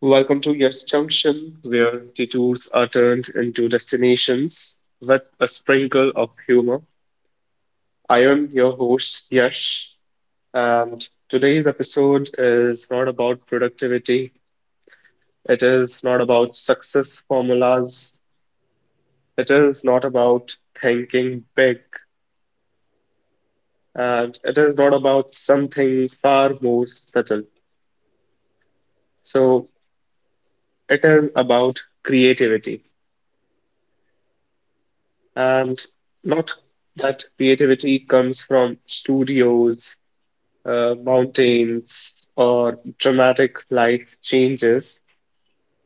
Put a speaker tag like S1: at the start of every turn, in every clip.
S1: Welcome to Yes Junction, where detours are turned into destinations with a sprinkle of humor. I am your host, Yash, and today's episode is not about productivity. It is not about success formulas. It is not about thinking big. And it is not about something far more subtle. So, it is about creativity. And not that creativity comes from studios, mountains, or dramatic life changes,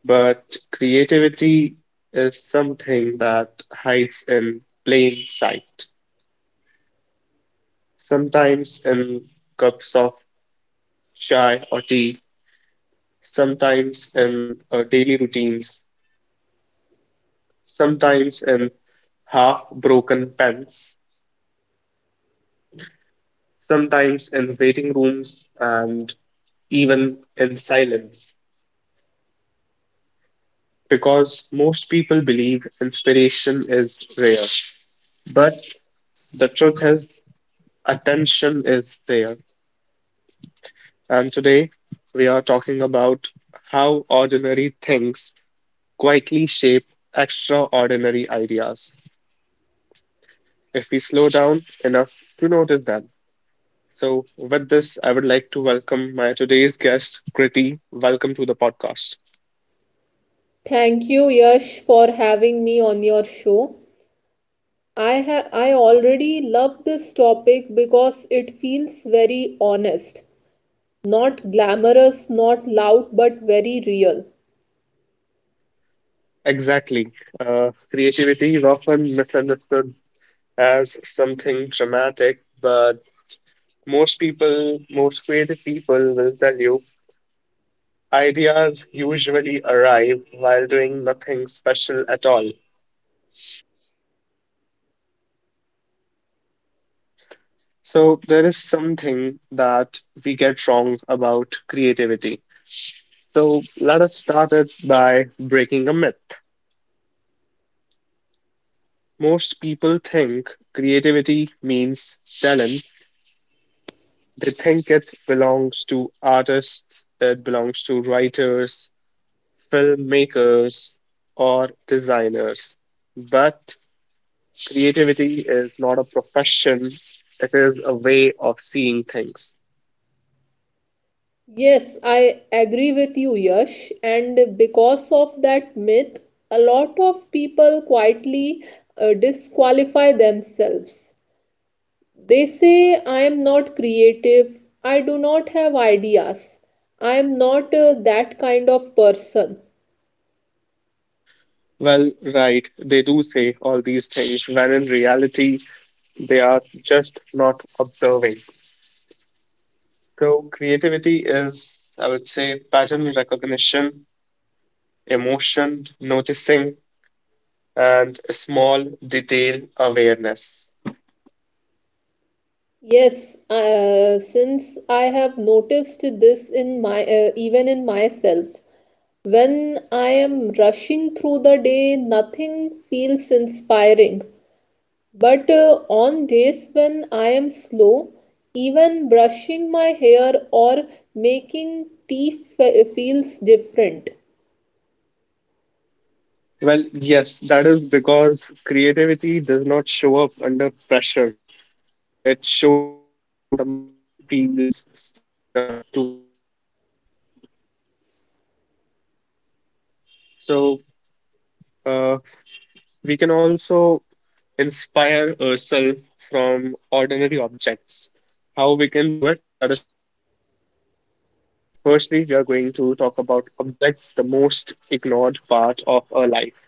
S1: but creativity is something that hides in plain sight, sometimes in cups of chai or tea, sometimes in daily routines, sometimes in half broken pens, sometimes in waiting rooms and even in silence, because most people believe inspiration is rare. But the truth is, attention is there. And today, we are talking about how ordinary things quietly shape extraordinary ideas if we slow down enough to notice them. So, with this, I would like to welcome my today's guest, Kriti. Welcome to the podcast.
S2: Thank you, Yash, for having me on your show. I already love this topic because it feels very honest, not glamorous, not loud, but very real.
S1: Exactly. Creativity is often misunderstood as something dramatic, but most creative people will tell you ideas usually arrive while doing nothing special at all. So there is something that we get wrong about creativity. So let us start it by breaking a myth. Most people think creativity means talent. They think it belongs to artists, it belongs to writers, filmmakers, or designers. But creativity is not a profession, it is a way of seeing things.
S2: Yes, I agree with you, Yash, and because of that myth, a lot of people quietly disqualify themselves. They say I am not creative, I do not have ideas, I am not that kind of person.
S1: Well, right, they do say all these things, when in reality, they are just not observing. So, creativity is, I would say, pattern recognition, emotion noticing, and small detail awareness.
S2: Yes, since I have noticed this in my even in myself, when I am rushing through the day, nothing feels inspiring. But on days when I am slow, even brushing my hair or making tea feels different.
S1: Well, yes, that is because creativity does not show up under pressure. It shows up when the mind feels safe enough to wander. So, uh, we can also inspire ourselves from ordinary objects. How we can do it? Let us talk about it. Firstly, we are going to talk about objects, the most ignored part of our life.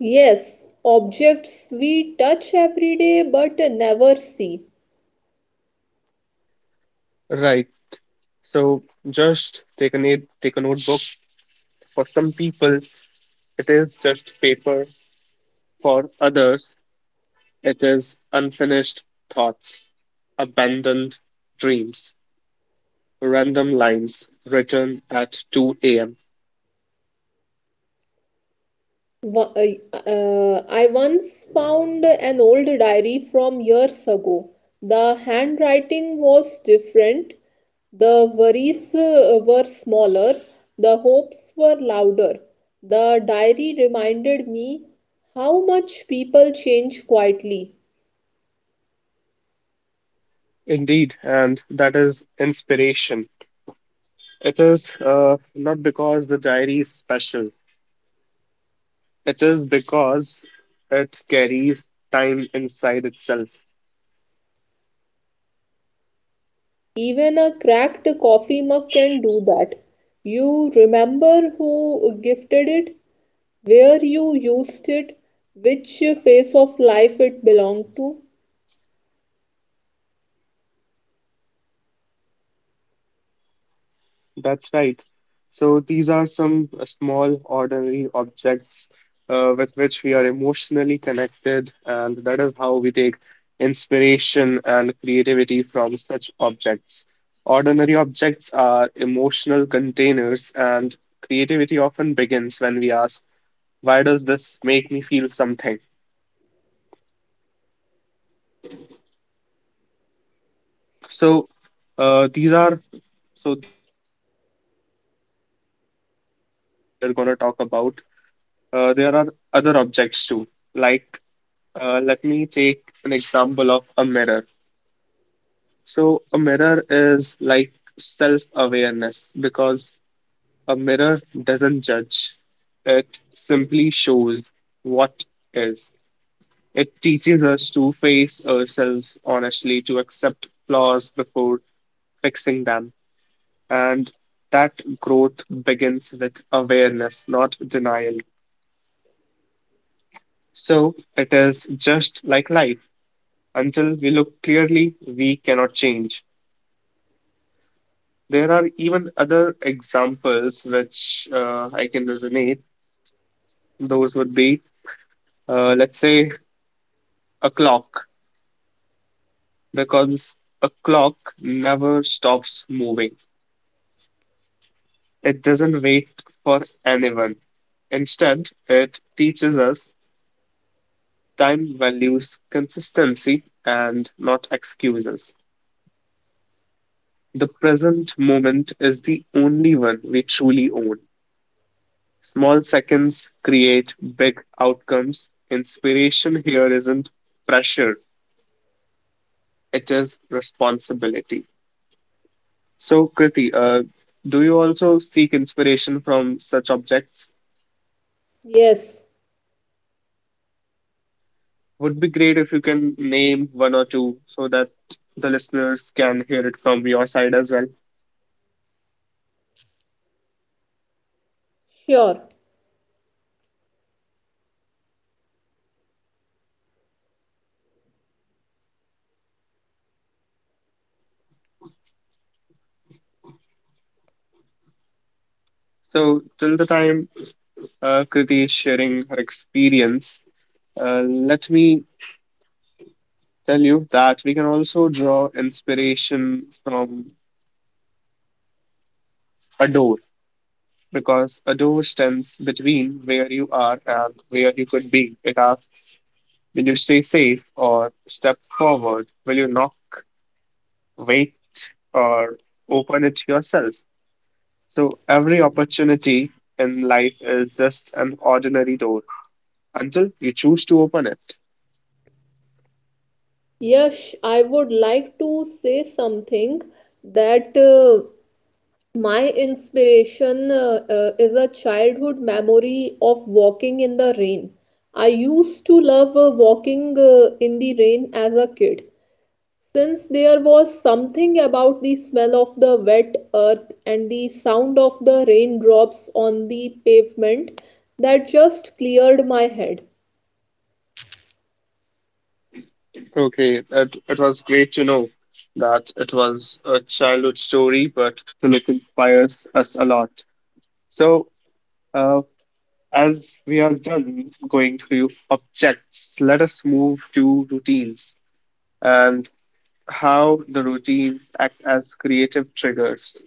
S2: Yes, objects we touch every day but never see.
S1: Right. So just take a notebook. For some people, it is just paper. For others, it is unfinished thoughts, abandoned dreams, random lines written at 2 a.m.
S2: I once found an old diary from years ago. The handwriting was different, the worries were smaller, the hopes were louder. The diary reminded me how much people change quietly.
S1: Indeed, and that is inspiration. It is not because the diary is special. It is because it carries time inside itself.
S2: Even a cracked coffee mug can do that. You remember who gifted it, where you used it, which phase of life it belonged to.
S1: That's right. So these are some small, ordinary objects with which we are emotionally connected, and that is how we take inspiration and creativity from such objects. Ordinary objects are emotional containers, and creativity often begins when we ask, why does this make me feel something? So, these are so these not these are on the only objects that we are going to talk about. There are other objects too. Like, let me take an example of a mirror. So, a mirror is like self awareness because a mirror doesn't judge, it simply shows what is. It teaches us to face ourselves honestly, to accept flaws before fixing them. And that growth begins with awareness, not denial. So, it is just like life. Until we look clearly, we cannot change. There are even other examples which I can resonate. Those would be, let's say, a clock, because a clock never stops moving. It doesn't wait for anyone. Instead, it teaches us time values consistency and not excuses. The present moment is the only one we truly own. Small seconds create big outcomes. Inspiration here isn't pressure, it is responsibility. So, Kriti, do you also seek inspiration from such objects?
S2: Yes,
S1: Would be great if you can name one or two so that the listeners can hear it from your side as well.
S2: sure.
S1: So, till the time Kriti is sharing her experience, let me tell you that we can also draw inspiration from a door, because a door stands between where you are and where you could be. It asks, will you stay safe or step forward? Will you knock, wait, or open it yourself? So every opportunity in life is just an ordinary door until you choose to open it.
S2: Yes, I would like to say something that my inspiration is a childhood memory of walking in the rain. I used to love walking in the rain as a kid. Since there was something about the smell of the wet earth and the sound of the raindrops on the pavement that just cleared my head.
S1: Okay, it was great to know that it was a childhood story, but still it inspires us a lot. So, uh, as we are done going through objects, let us move to routines and how the routines act as creative triggers.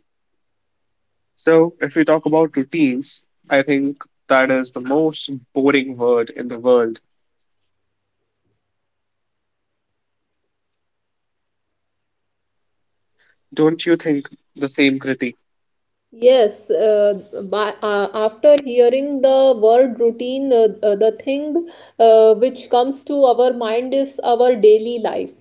S1: So, if we talk about routines, I think that is the most boring word in the world. Don't you think the same, Kriti?
S2: Yes, after hearing the word routine, the thing which comes to our mind is our daily life.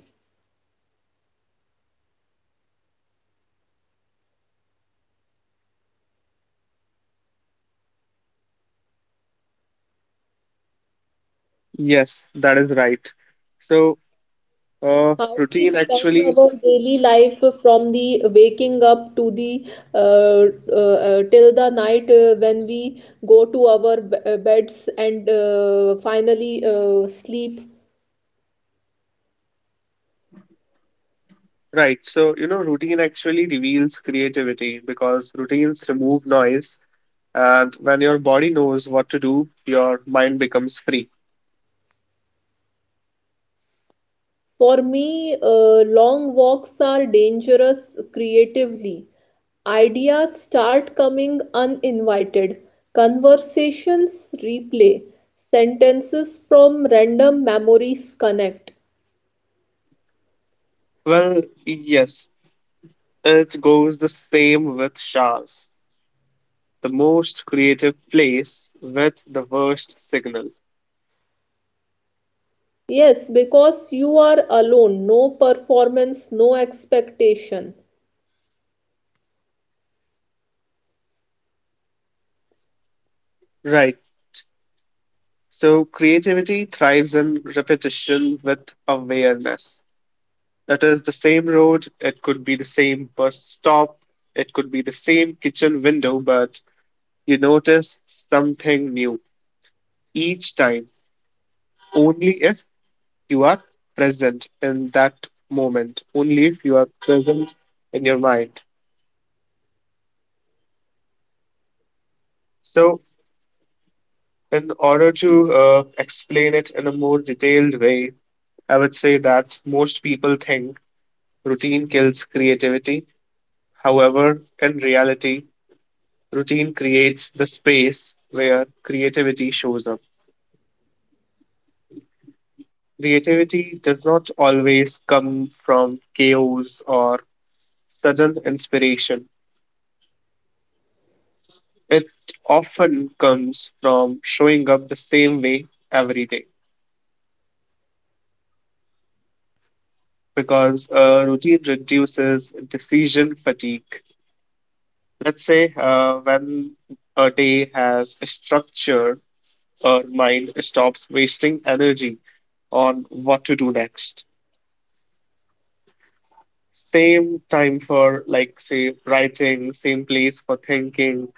S1: Yes, that is right. So, uh,
S2: How we
S1: routine
S2: spend
S1: actually,
S2: our daily life from the waking up to the uh, till the night when we go to our beds and finally sleep.
S1: right. So, you know, routine actually reveals creativity because routines remove noise. And when your body knows what to do, your mind becomes free.
S2: For me, long walks are dangerous creatively. Ideas start coming uninvited. Conversations replay. Sentences from random memories connect.
S1: Well, yes, it goes the same with showers. The most creative place with the worst signal.
S2: Yes, because you are alone, no performance, no expectation.
S1: Right. So creativity thrives in repetition with awareness. It is the same road, it could be the same bus stop, it could be the same kitchen window, but you notice something new each time, only if you are present in that moment, only if you are present in your mind. So, in order to explain it in a more detailed way, I would say that most people think routine kills creativity, however, in reality, routine creates the space where creativity shows up. Creativity does not always come from chaos or sudden inspiration. It often comes from showing up the same way every day, because routine reduces decision fatigue. Let's say when a day has a structure, our mind stops wasting energy on what to do next. Same time for, like, say, writing, same place for thinking,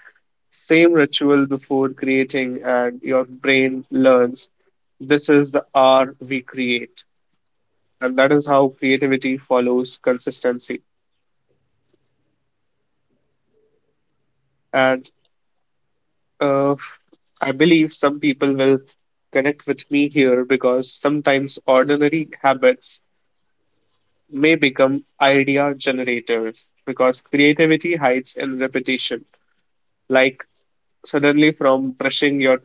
S1: same ritual before creating, and your brain learns this is the hour we create. And that is how creativity follows consistency. And uh, I believe some people will connect with me here because sometimes ordinary habits may become idea generators because creativity hides in repetition. Like suddenly, from brushing your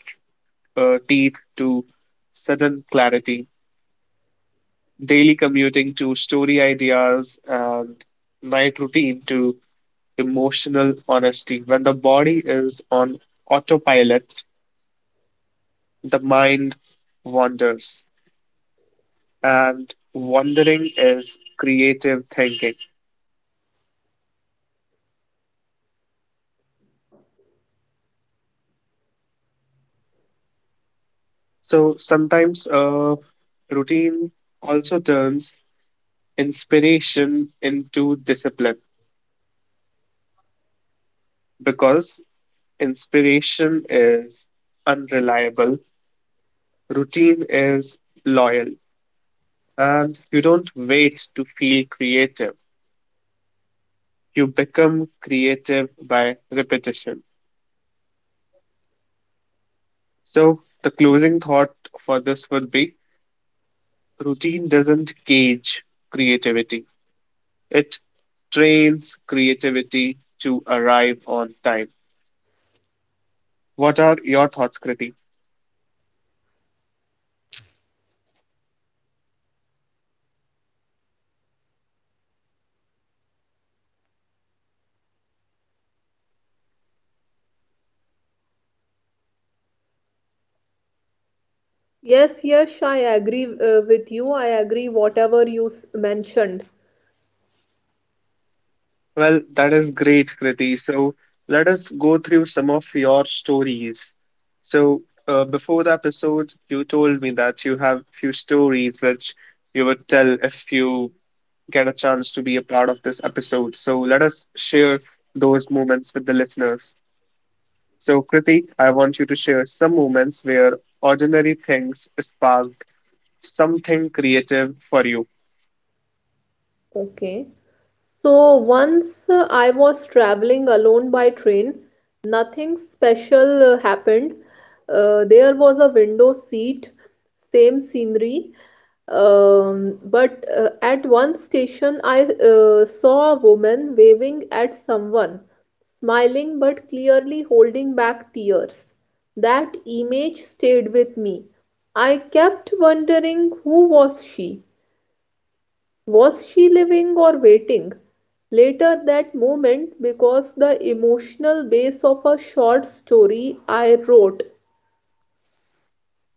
S1: teeth to sudden clarity, daily commuting to story ideas, and night routine to emotional honesty. When the body is on autopilot, the mind wanders, and wandering is creative thinking. So sometimes routine also turns inspiration into discipline because inspiration is unreliable, routine is loyal, and you don't wait to feel creative. You become creative by repetition. So, the closing thought for this would be routine doesn't cage creativity, it trains creativity to arrive on time. What are your thoughts, Kriti?
S2: Yes, yes, I agree with you. I agree whatever you mentioned.
S1: Well, that is great, Kriti. So, let us go through some of your stories. So, before the episode, you told me that you have few stories which you would tell if you get a chance to be a part of this episode. So, let us share those moments with the listeners. So, Kritik, I want you to share some moments where ordinary things sparked something creative for you.
S2: Okay. So once I was traveling alone by train, nothing special happened. There was a window seat, same scenery. But at one station, I saw a woman waving at someone, smiling but clearly holding back tears. That image stayed with me. I kept wondering who was she? Was she living or waiting? Later that moment, because the emotional base of a short story I wrote.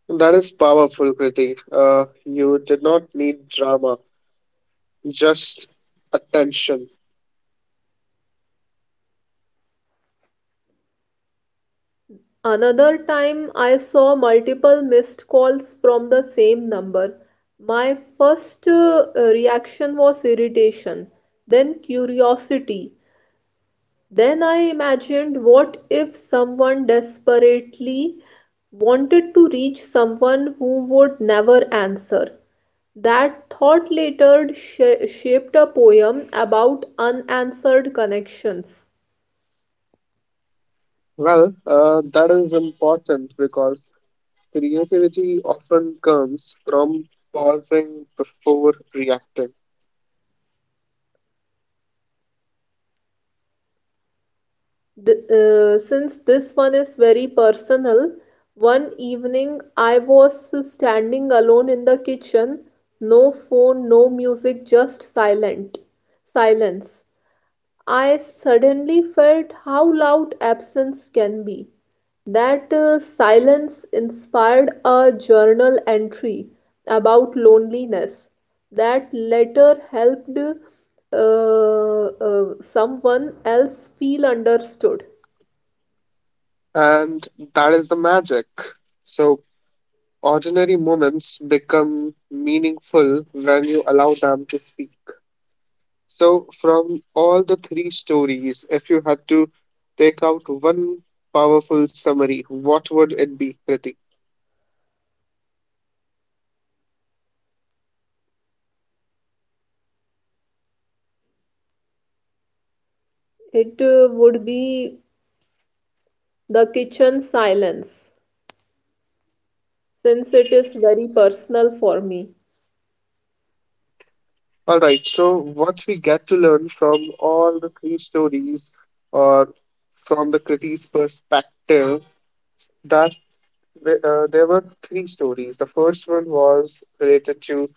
S1: That is powerful, Kriti. You did not need drama, just attention.
S2: Another time, I saw multiple missed calls from the same number. My first reaction was irritation, then curiosity. Then I imagined, what if someone desperately wanted to reach someone who would never answer? That thought later shaped a poem about unanswered connections.
S1: Well, that is important because creativity often comes from pausing before reacting,
S2: Since this one is very personal, one evening I was standing alone in the kitchen, no phone, no music, just silent silence. I suddenly felt how loud absence can be. That silence inspired a journal entry about loneliness. That letter helped someone else feel understood.
S1: and that is the magic. So, ordinary moments become meaningful when you allow them to speak. So, from all the three stories, if you had to take out one powerful summary, what would it be, Kriti?
S2: It would be the kitchen silence, since it is very personal for me.
S1: All right, so what we get to learn from all the three stories, or from the Kriti's perspective, that there were three stories. The first one was related to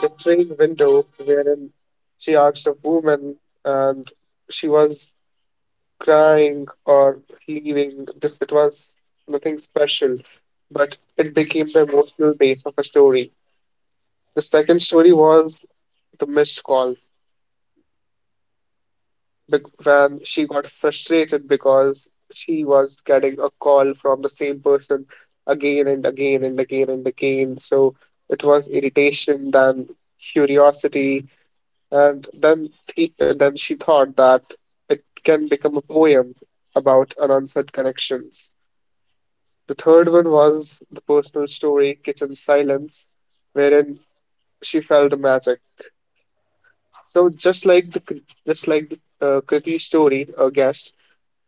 S1: the train window, wherein she asked a woman and she was crying or leaving. This it was nothing special, but it became the emotional base of a story. The second story was the missed call, when she got frustrated because she was getting a call from the same person again and again and again and again. So it was irritation, then curiosity, and then th- and then she thought that it can become a poem about unanswered connections. The third one was the personal story, Kitchen Silence, wherein she felt the magic. So just like the Kriti story, a guest,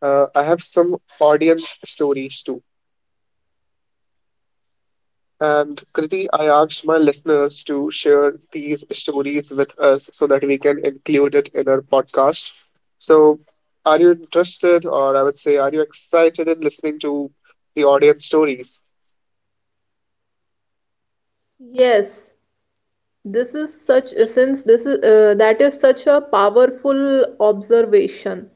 S1: I have some audience stories too. And Kriti, I asked my listeners to share these stories with us so that we can include it in our podcast. So, are you interested, or I would say, are you excited in listening to the audience stories?
S2: Yes, this is such, since this is that is such a powerful observation.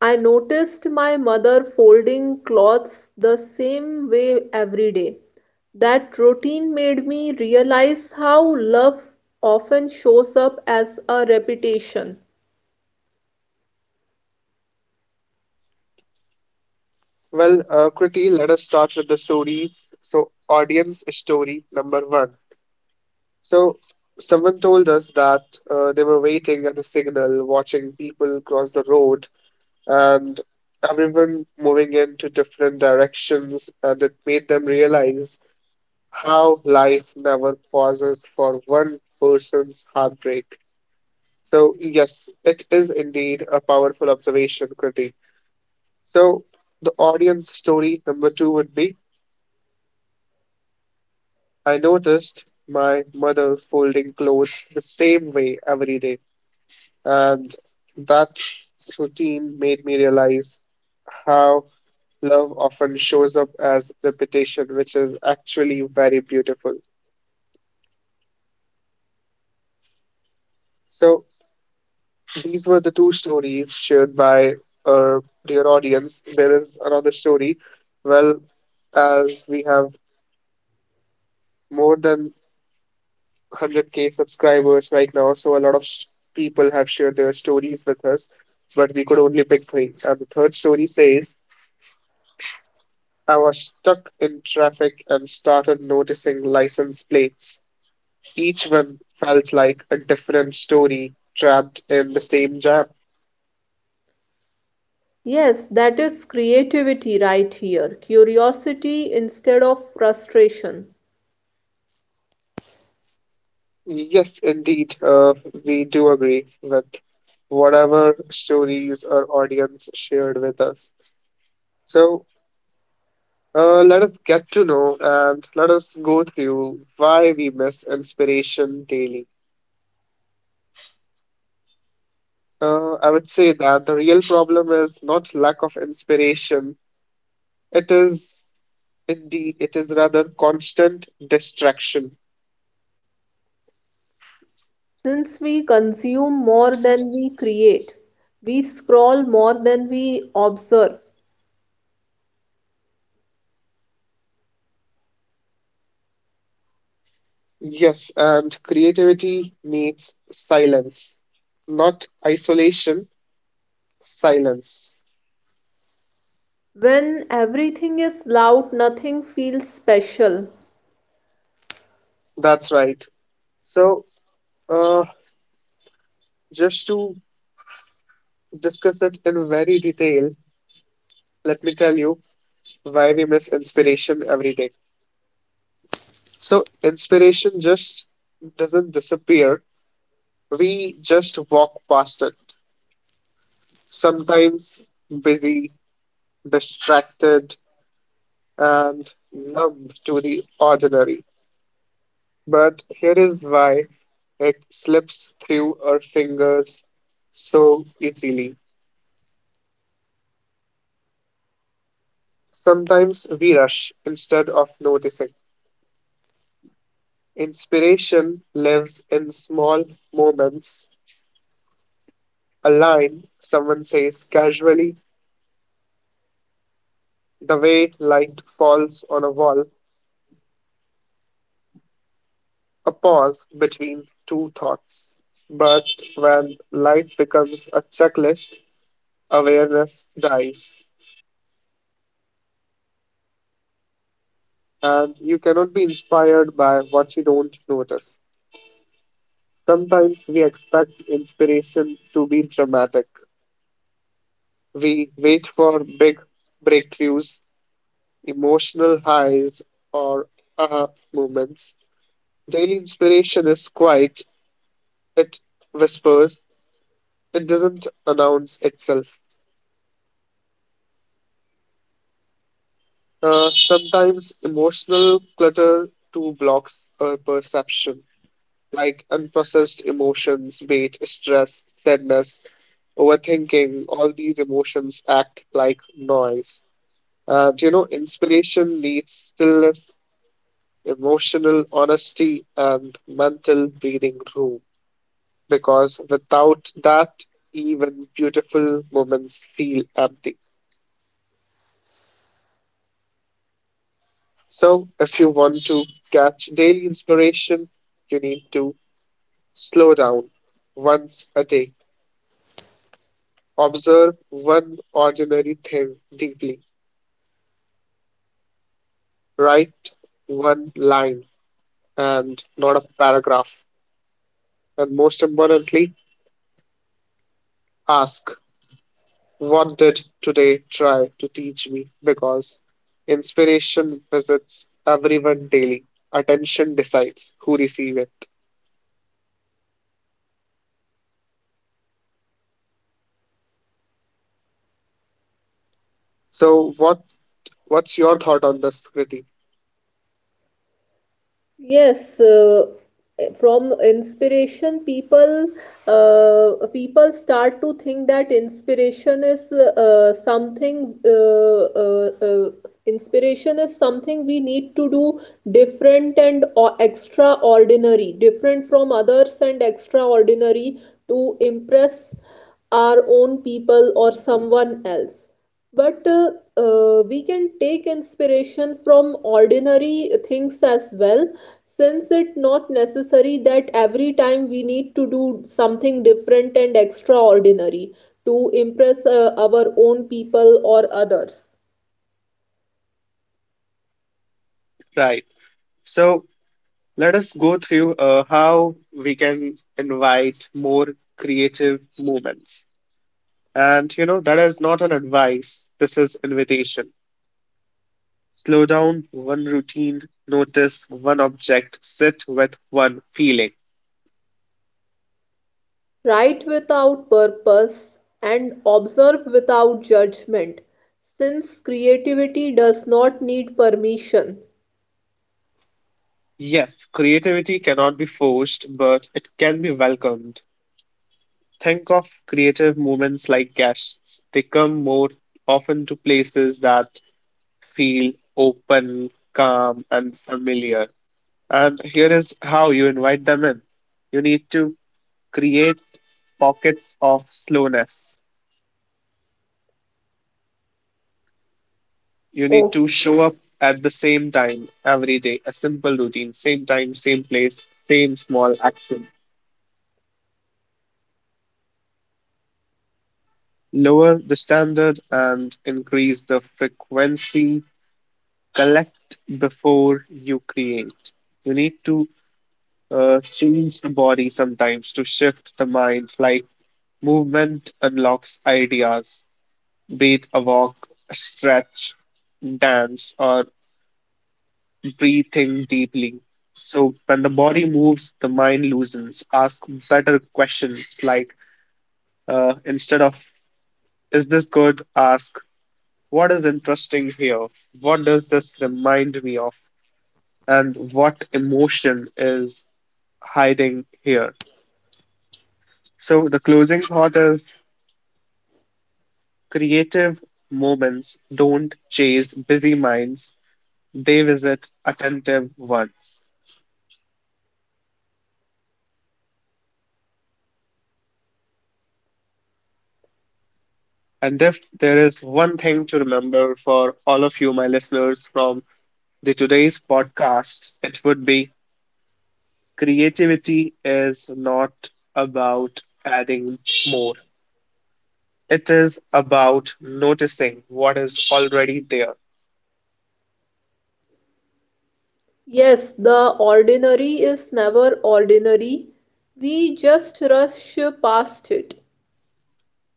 S2: I noticed my mother folding cloths the same way every day. That routine made me realize how love often shows up as a repetition.
S1: Well, quickly, let us start with the stories. So, audience story number one. So, someone told us that they were waiting at the signal, watching people cross the road, and everyone moving into different directions, and it made them realize how life never pauses for one person's heartbreak. So, yes, it is indeed a powerful observation, Kriti. So, the audience story number two would be. I noticed my mother folding clothes the same way every day, and that routine made me realize how love often shows up as repetition, which is actually very beautiful. So, these were the two stories shared by our dear audience. There is another story. Well, as we have more than 100K subscribers right now, so a lot of s- people have shared their stories with us, but we could only pick three. And the third story says, I was stuck in traffic and started noticing license plates. Each one felt like a different story trapped in the same jam.
S2: Yes, that is creativity right here. Curiosity instead of frustration.
S1: Yes, indeed, we do agree with whatever stories our audience shared with us. So, let us get to know and let us go through why we miss inspiration daily. I would say that the real problem is not lack of inspiration. It is it is rather constant distraction.
S2: Since we consume more than we create, we scroll more than we observe.
S1: Yes, and creativity needs silence, not isolation, silence.
S2: When everything is loud, nothing feels special.
S1: That's right. So, uh, just to discuss it in very detail, let me tell you why we miss inspiration every day. So, inspiration just doesn't disappear, we just walk past it. Sometimes busy, distracted, and numb to the ordinary. But here is why it slips through our fingers so easily. Sometimes we rush instead of noticing. Inspiration lives in small moments. A line someone says casually, the way light falls on a wall, a pause between two thoughts. But when life becomes a checklist, awareness dies, and you cannot be inspired by what you don't notice. Sometimes we expect inspiration to be dramatic. We wait for big breakthroughs, emotional highs, or aha moments. Daily inspiration is quiet, it whispers. It doesn't announce itself. Sometimes emotional clutter too blocks our perception, like unprocessed emotions, be it stress, sadness, overthinking. All these emotions act like noise. And inspiration needs stillness, emotional honesty, and mental breathing room, because without that, even beautiful moments feel empty. So, if you want to catch daily inspiration, you need to slow down once a day. Observe one ordinary thing deeply. Write one line and not a paragraph. And most importantly, ask, "What did today try to teach me?" Because inspiration visits everyone daily. Attention decides who receive it. So, what's your thought on this, Kriti?
S2: Yes, from inspiration, people start to think that inspiration is something inspiration is something we need to do different and extraordinary, different from others and extraordinary to impress our own people or someone else, but we can take inspiration from ordinary things as well, since it not necessary that every time we need to do something different and extraordinary to impress our own people or others.
S1: Right. So, let us go through how we can invite more creative moments. And that is not an advice, this is invitation. Slow down one routine, notice one object, sit with one feeling.
S2: Write without purpose and observe without judgment, since creativity does not need permission.
S1: Yes, creativity cannot be forced, but it can be welcomed. Think of creative moments like guests. They come more often to places that feel open, calm, and familiar. And here is how you invite them in. You need to create pockets of slowness. You need to show up at the same time every day, a simple routine, same time, same place, same small action. Lower the standard and increase the frequency. Collect before you create. You need to change the body sometimes to shift the mind, like movement unlocks ideas. Breathe, a walk, stretch, dance, or breathing deeply. So when the body moves, the mind loosens. Ask better questions, like instead of "Is this good?" ask "What is interesting here? What does this remind me of? And what emotion is hiding here?" So the closing thought is creative moments don't chase busy minds; they visit attentive ones. And if there is one thing to remember for all of you, my listeners, from the today's podcast, it would be creativity is not about adding more. It is about noticing what is already there.
S2: Yes, the ordinary is never ordinary. We just rush past it.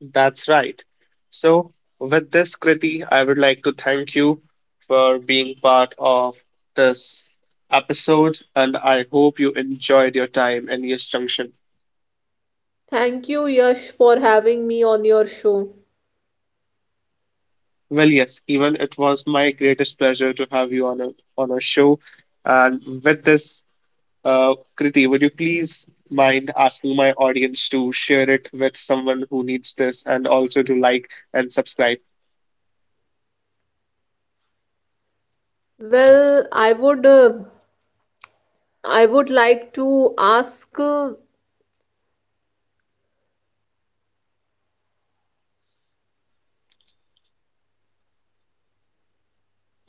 S1: That's right. So, with this, Kriti, I would like to thank you for being part of this episode, and I hope you enjoyed your time in Yes Junction.
S2: Thank you, Yash, for having me on your show.
S1: Well, yes, even it was my greatest pleasure to have you on a on our show. And with this, uh, Kriti, would you please mind asking my audience to share it with someone who needs this, and also to like and subscribe?
S2: Well, I would like to ask,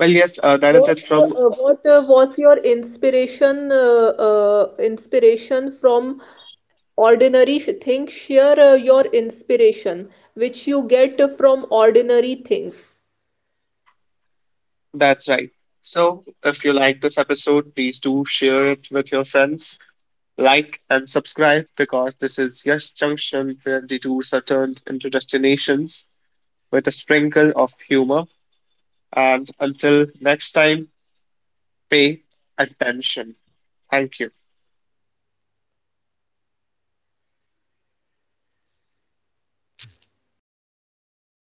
S1: Well, yes, that is it from.
S2: what was your inspiration from ordinary things? Share your inspiration which you get from ordinary things.
S1: That's right. So, if you like this episode, please do share it with your friends. Like and subscribe, because this is Yash Junction, where detours are turned into destinations with a sprinkle of humor. And until next time, pay attention. Thank you.